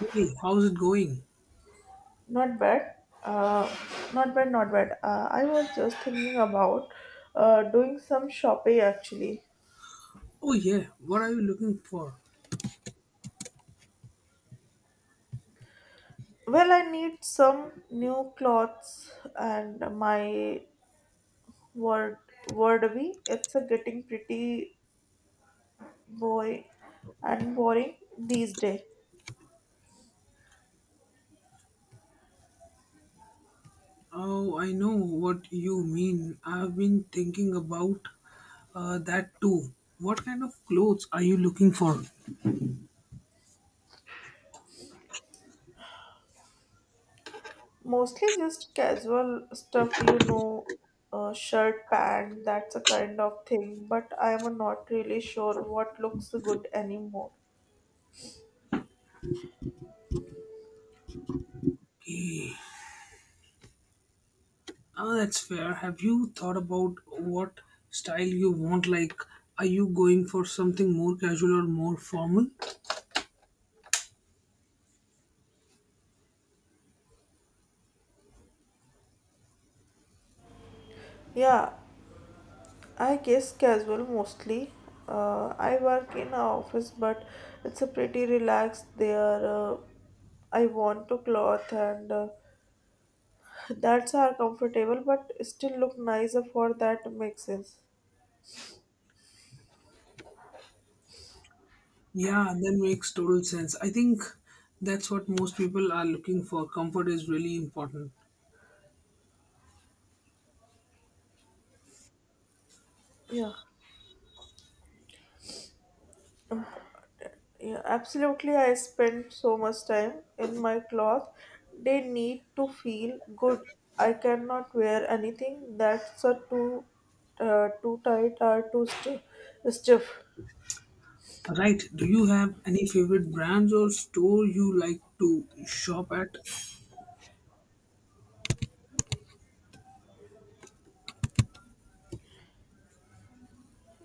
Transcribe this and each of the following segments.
Hey, how's it going? Not bad. Uh, Not bad, not bad. I was just thinking about doing some shopping actually. Oh, yeah, what are you looking for? Well, I need some new clothes and my word wardrobe. It's a getting pretty boy and boring these days. Oh, I know what you mean. I've been thinking about that too. What kind of clothes are you looking for? Mostly just casual stuff, you know, shirt, pant, that's a kind of thing. But I am not really sure what looks good anymore. Oh, that's fair. Have you thought about what style you want? Like, are you going for something more casual or more formal? Yeah, I guess casual mostly. I work in an office, but it's a pretty relaxed there. I want to cloth and that's are comfortable, but still look nicer for that makes sense. Yeah, that makes total sense. I think that's what most people are looking for. Comfort is really important. Yeah, yeah, absolutely. I spend so much time in my cloth. They need to feel good. I cannot wear anything that's a too, too tight or too stiff. Right. Do you have any favorite brands or store you like to shop at?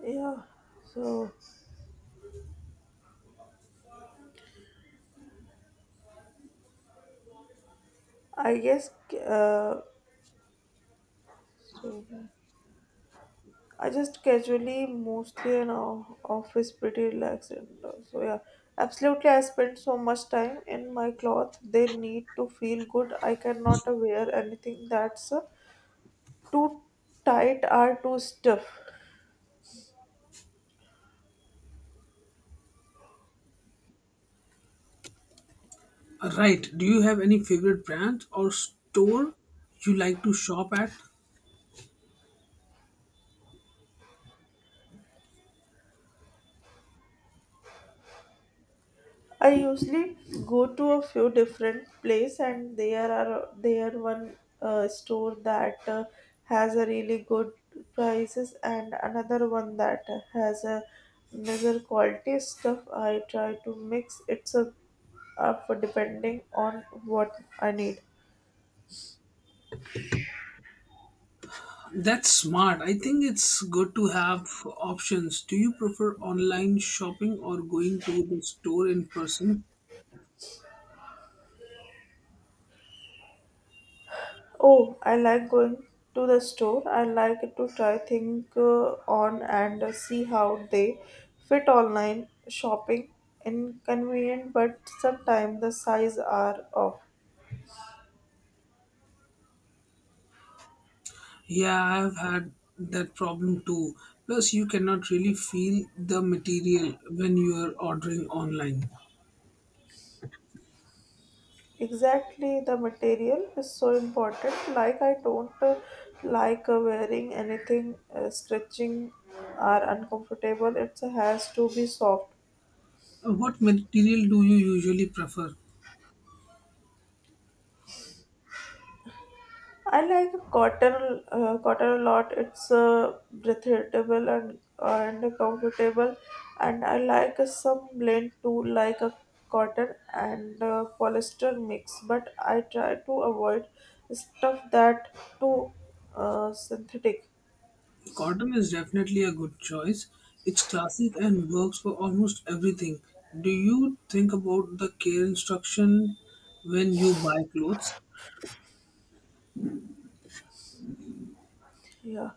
Yeah, so. I guess so I just casually mostly an office pretty relaxed. So yeah, absolutely. I spend so much time in my cloth. They need to feel good. I cannot wear anything that's too tight or too stiff. Right. Do you have any favorite brands or store you like to shop at? I usually go to a few different place and there one store that has a really good prices and another one that has a better quality stuff. I try to mix it up, depending on what I need. That's smart. I think it's good to have options. Do you prefer online shopping or going to the store in person? Oh, I like going to the store. I like to try things on and see how they fit online shopping. Inconvenient, but sometimes the size are off. Yeah, I've had that problem too. Plus, you cannot really feel the material when you are ordering online. Exactly, the material is so important. Like I don't like wearing anything stretching or uncomfortable. It has to be soft. What material do you usually prefer? I like cotton cotton a lot. It's breathable and comfortable, and I like some blend too, like a cotton and polyester mix. But I try to avoid stuff that too synthetic. Cotton is definitely a good choice. It's classic and works for almost everything. Do you think about the care instruction when you buy clothes? Yeah.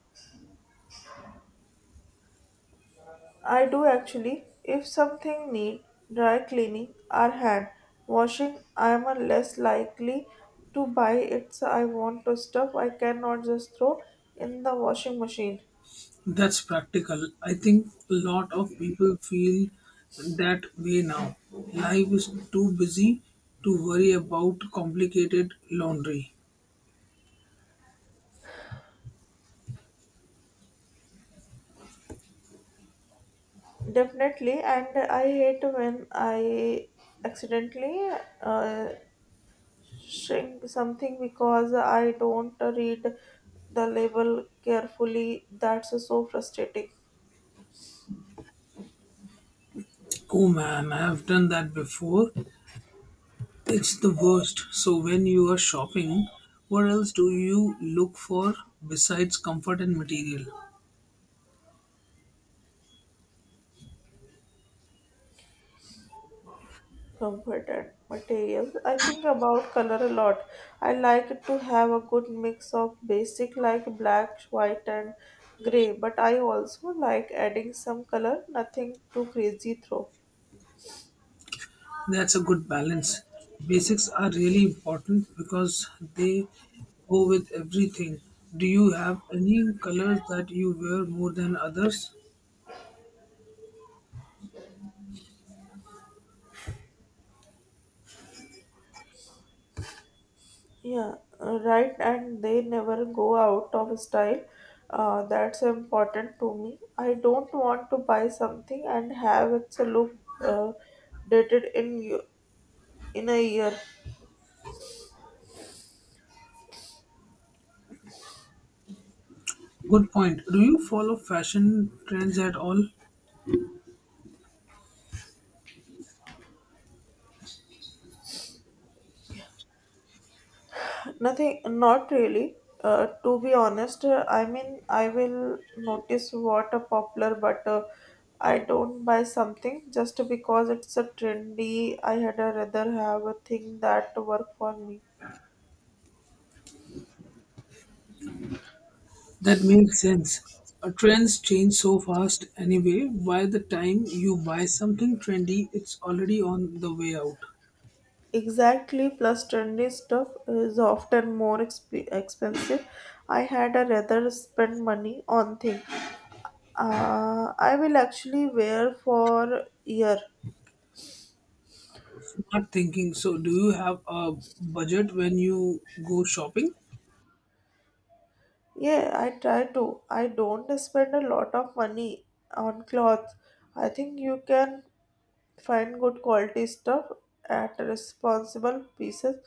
I do actually. If something need dry cleaning or hand washing, I am a less likely to buy it. So I want to stuff I cannot just throw in the washing machine. That's practical. I think a lot of people feel that way now. Life is too busy to worry about complicated laundry. Definitely, and I hate when I accidentally uh, shrink something because I don't read the label carefully. That's so frustrating. Oh man, I have done that before. It's the worst. So when you are shopping, what else do you look for besides comfort and material? Comfort and materials. I think about color a lot. I like to have a good mix of basic like black, white and gray, but I also like adding some color, nothing too crazy though. That's a good balance. Basics are really important because they go with everything. Do you have any colors that you wear more than others? Yeah, right, and they never go out of style. That's important to me. I don't want to buy something and have it to look uh, dated in in a year. Good point. Do you follow fashion trends at all? Nothing, not really. To be honest, I mean, I will notice what a popular, but I don't buy something just because it's a trendy. I had a rather have a thing that work for me. That makes sense. Trends change so fast anyway. By the time you buy something trendy, it's already on the way out. Exactly, plus trendy stuff is often more expensive. I had a rather spend money on thing. I will actually wear for year. Not thinking. So, do you have a budget when you go shopping? Yeah, I try to. I don't spend a lot of money on clothes. I think you can find good quality stuff at responsible pieces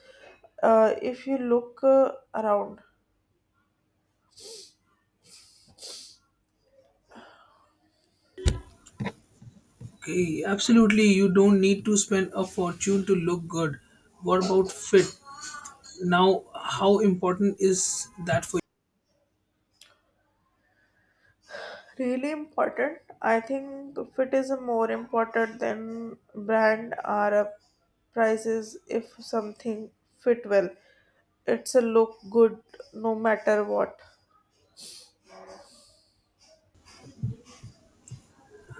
if you look around. Okay, absolutely. You don't need to spend a fortune to look good. What about fit? Now, how important is that for Really important. I think fit is more important than brand or prices. If something fit well, it's a look good no matter what.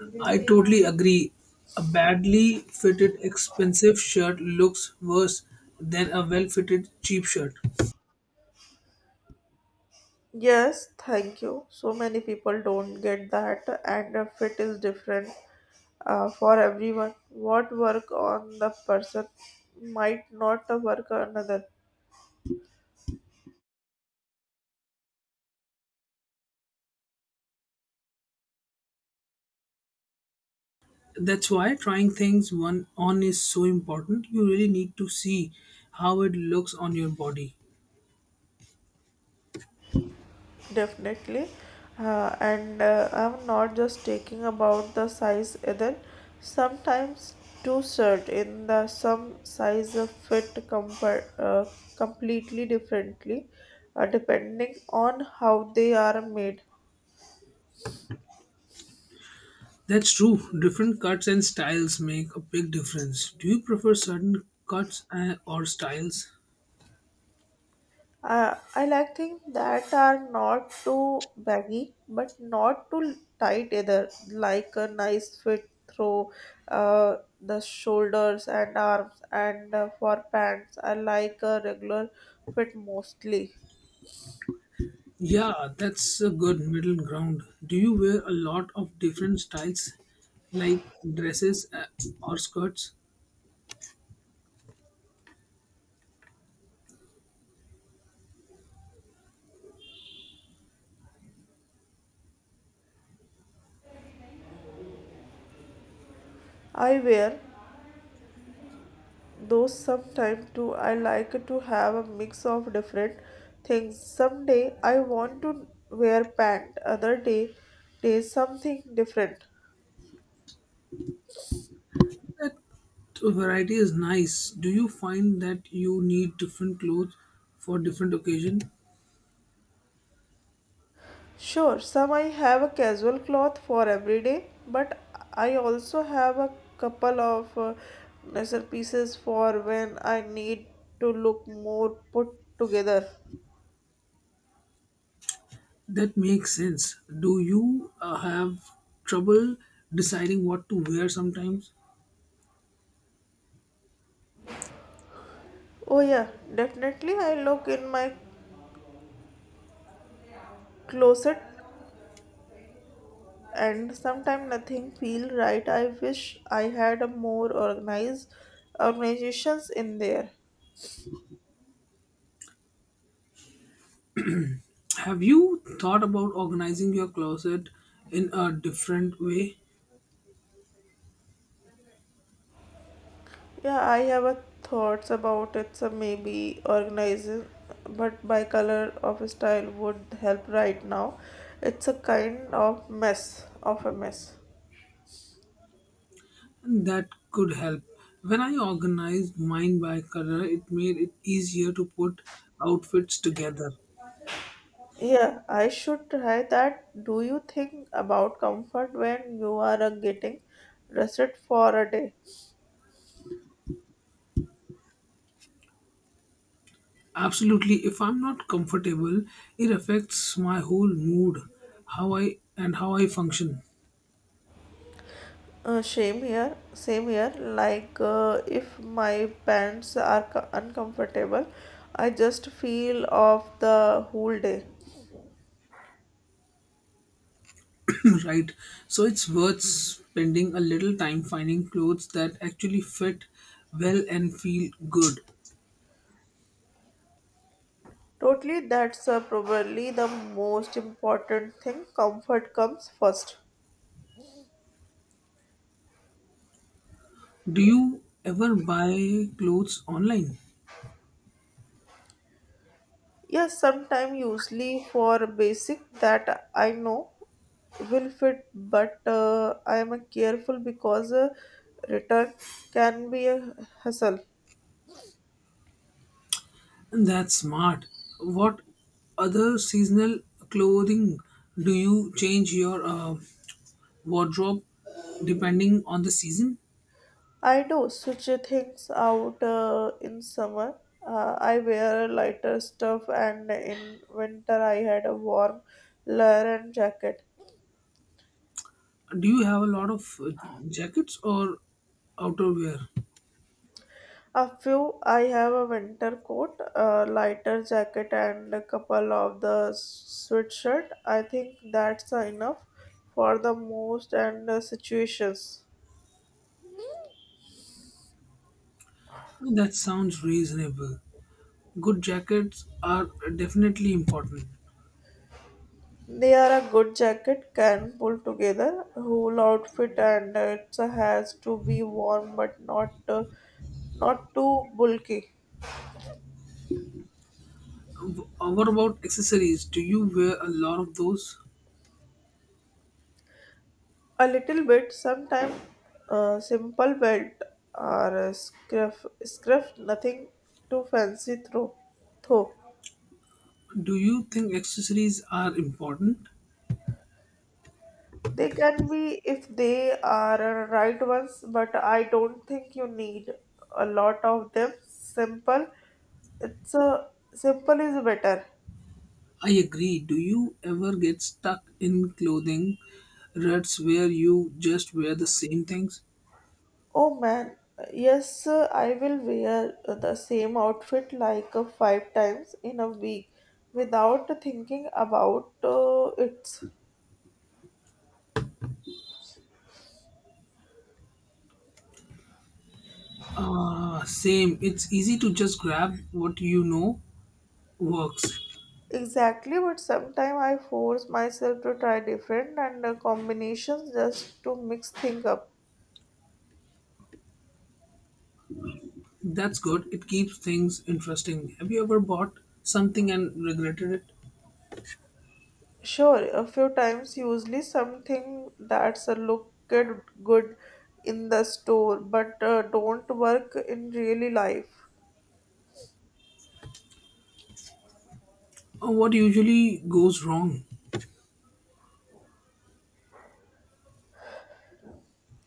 you? I totally agree. A badly fitted, expensive shirt looks worse than a well fitted, cheap shirt. Yes, thank you. So many people don't get that, and a fit is different for everyone. What work on the person might not work on another, That's why trying things one on is so important. You really need to see how it looks on your body. definitely. And I'm not just taking about the size either. Sometimes two shirt in the some size of fit comfort completely differently, depending on how they are made. That's true. Different cuts and styles make a big difference. Do you prefer certain cuts or styles? I like things that are not too baggy but not too tight either, like a nice fit through the shoulders and arms. And for pants, I like a regular fit mostly. Yeah, that's a good middle ground. Do you wear a lot of different styles like dresses or skirts? I wear those sometimes too. I like to have a mix of different things. Someday I want to wear pant, other day, something different. That variety is nice. Do you find that you need different clothes for different occasion? Sure, some I have a casual cloth for every day, but I also have a couple of nicer pieces for when I need to look more put together. That makes sense. Do you have trouble deciding what to wear sometimes? Oh yeah, definitely I look in my closet and sometimes nothing feel right. I wish I had a more organized organizations in there. Have you thought about organizing your closet in a different way? Yeah, I have a thoughts about it. So maybe organizing, but by color of style would help right now. It's a kind of a mess. That could help. When I organized mine by color, it made it easier to put outfits together. Yeah, I should try that. Do you think about comfort when you are getting rested for a day? Absolutely, if I'm not comfortable, it affects my whole mood, how I and how I function, Same here, same here. Like if my pants are uncomfortable, I just feel off the whole day. right? So it's worth spending a little time finding clothes that actually fit well and feel good. Totally, that's probably the most important thing. Comfort comes first. Do you ever buy clothes online? Yes, sometime usually for basic that I know will fit, but I am careful because return can be a hassle. That's smart. What other seasonal clothing do you change your wardrobe depending on the season? I do switch things out in summer. I wear lighter stuff, and in winter I had a warm layer and jacket. Do you have a lot of jackets or outerwear? A few. I have a winter coat, a lighter jacket, and a couple of the sweatshirt. I think that's enough for the most and situations. That sounds reasonable. Good jackets are definitely important. They are a good jacket, can pull together, whole outfit, and it has to be warm but not not too bulky. What about accessories? Do you wear a lot of those? A little bit. Sometimes simple belt or a scarf, nothing too fancy through. Though. Do you think accessories are important? They can be if they are right ones, but I don't think you need a lot of them. Simple. It's a simple is better. I agree. Do you ever get stuck in clothing ruts where you just wear the same things? Oh man, yes, sir, I will wear the same outfit like five times in a week without thinking about it. Ah, same. It's easy to just grab what you know works. Exactly, but sometimes I force myself to try different and combinations just to mix things up. That's good. It keeps things interesting. Have you ever bought something and regretted it? Sure, a few times, usually something that's a looked good in the store but don't work in really life. What usually goes wrong?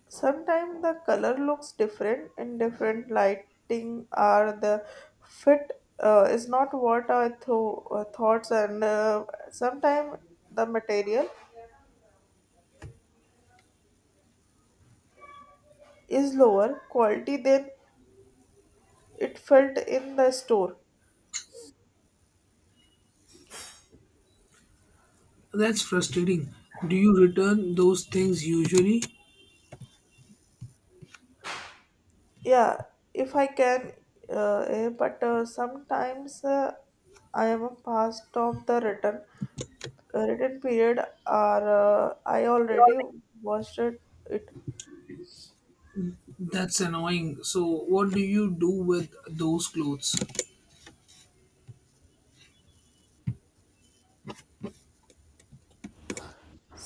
Sometimes the color looks different in different lighting or the fit is not what I thoughts and sometimes the material is lower quality than it felt in the store. That's frustrating. Do you return those things usually? Yeah, if I can, but sometimes I am a past of the written written period or I already watched it. That's annoying. So, what do you do with those clothes?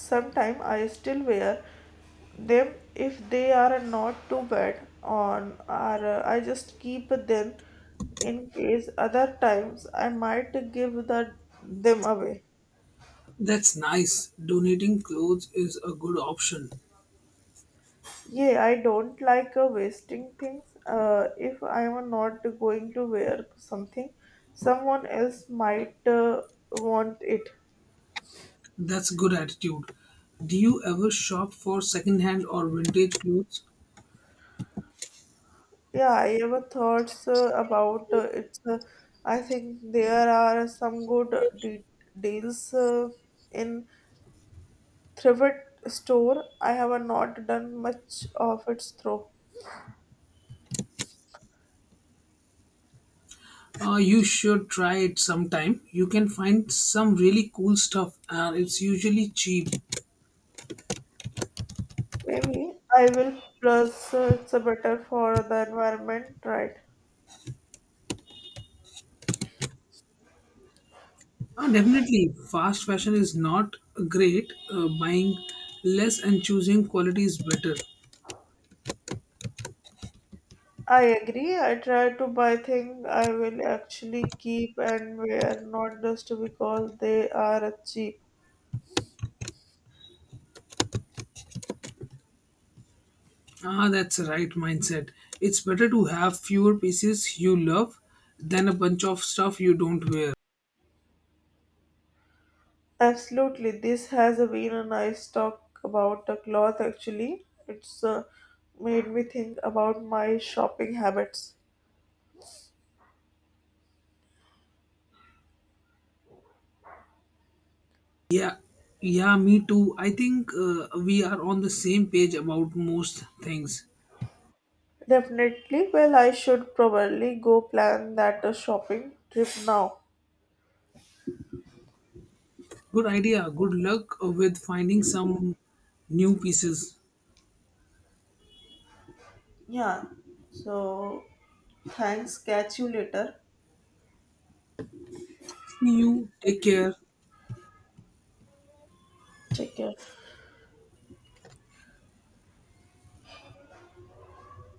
Sometime I still wear them if they are not too bad on, or I just keep them in case. Other times I might give the them away. That's nice. Donating clothes is a good option. Yeah, I don't like wasting things. If I am not going to wear something, someone else might want it. That's good attitude. Do you ever shop for secondhand or vintage clothes? Yeah, I have thoughts about it. I think there are some good de- deals in thrift store. I have not done much of its through. You should try it sometime. You can find some really cool stuff and it's usually cheap. Maybe I will. Plus, it's better for the environment, right? Definitely, fast fashion is not great. Buying less and choosing quality is better. I agree. I try to buy things I will actually keep and wear, not just because they are cheap. Ah, that's the right mindset. It's better to have fewer pieces you love than a bunch of stuff you don't wear. Absolutely, this has been a nice talk about the cloth. Actually, it's made me think about my shopping habits. Yeah, yeah, me too. I think we are on the same page about most things. Definitely. Well, I should probably go plan that shopping trip now. Good idea. Good luck with finding some new pieces. Yeah. So, thanks. Catch you later. See you. Take care. Take care.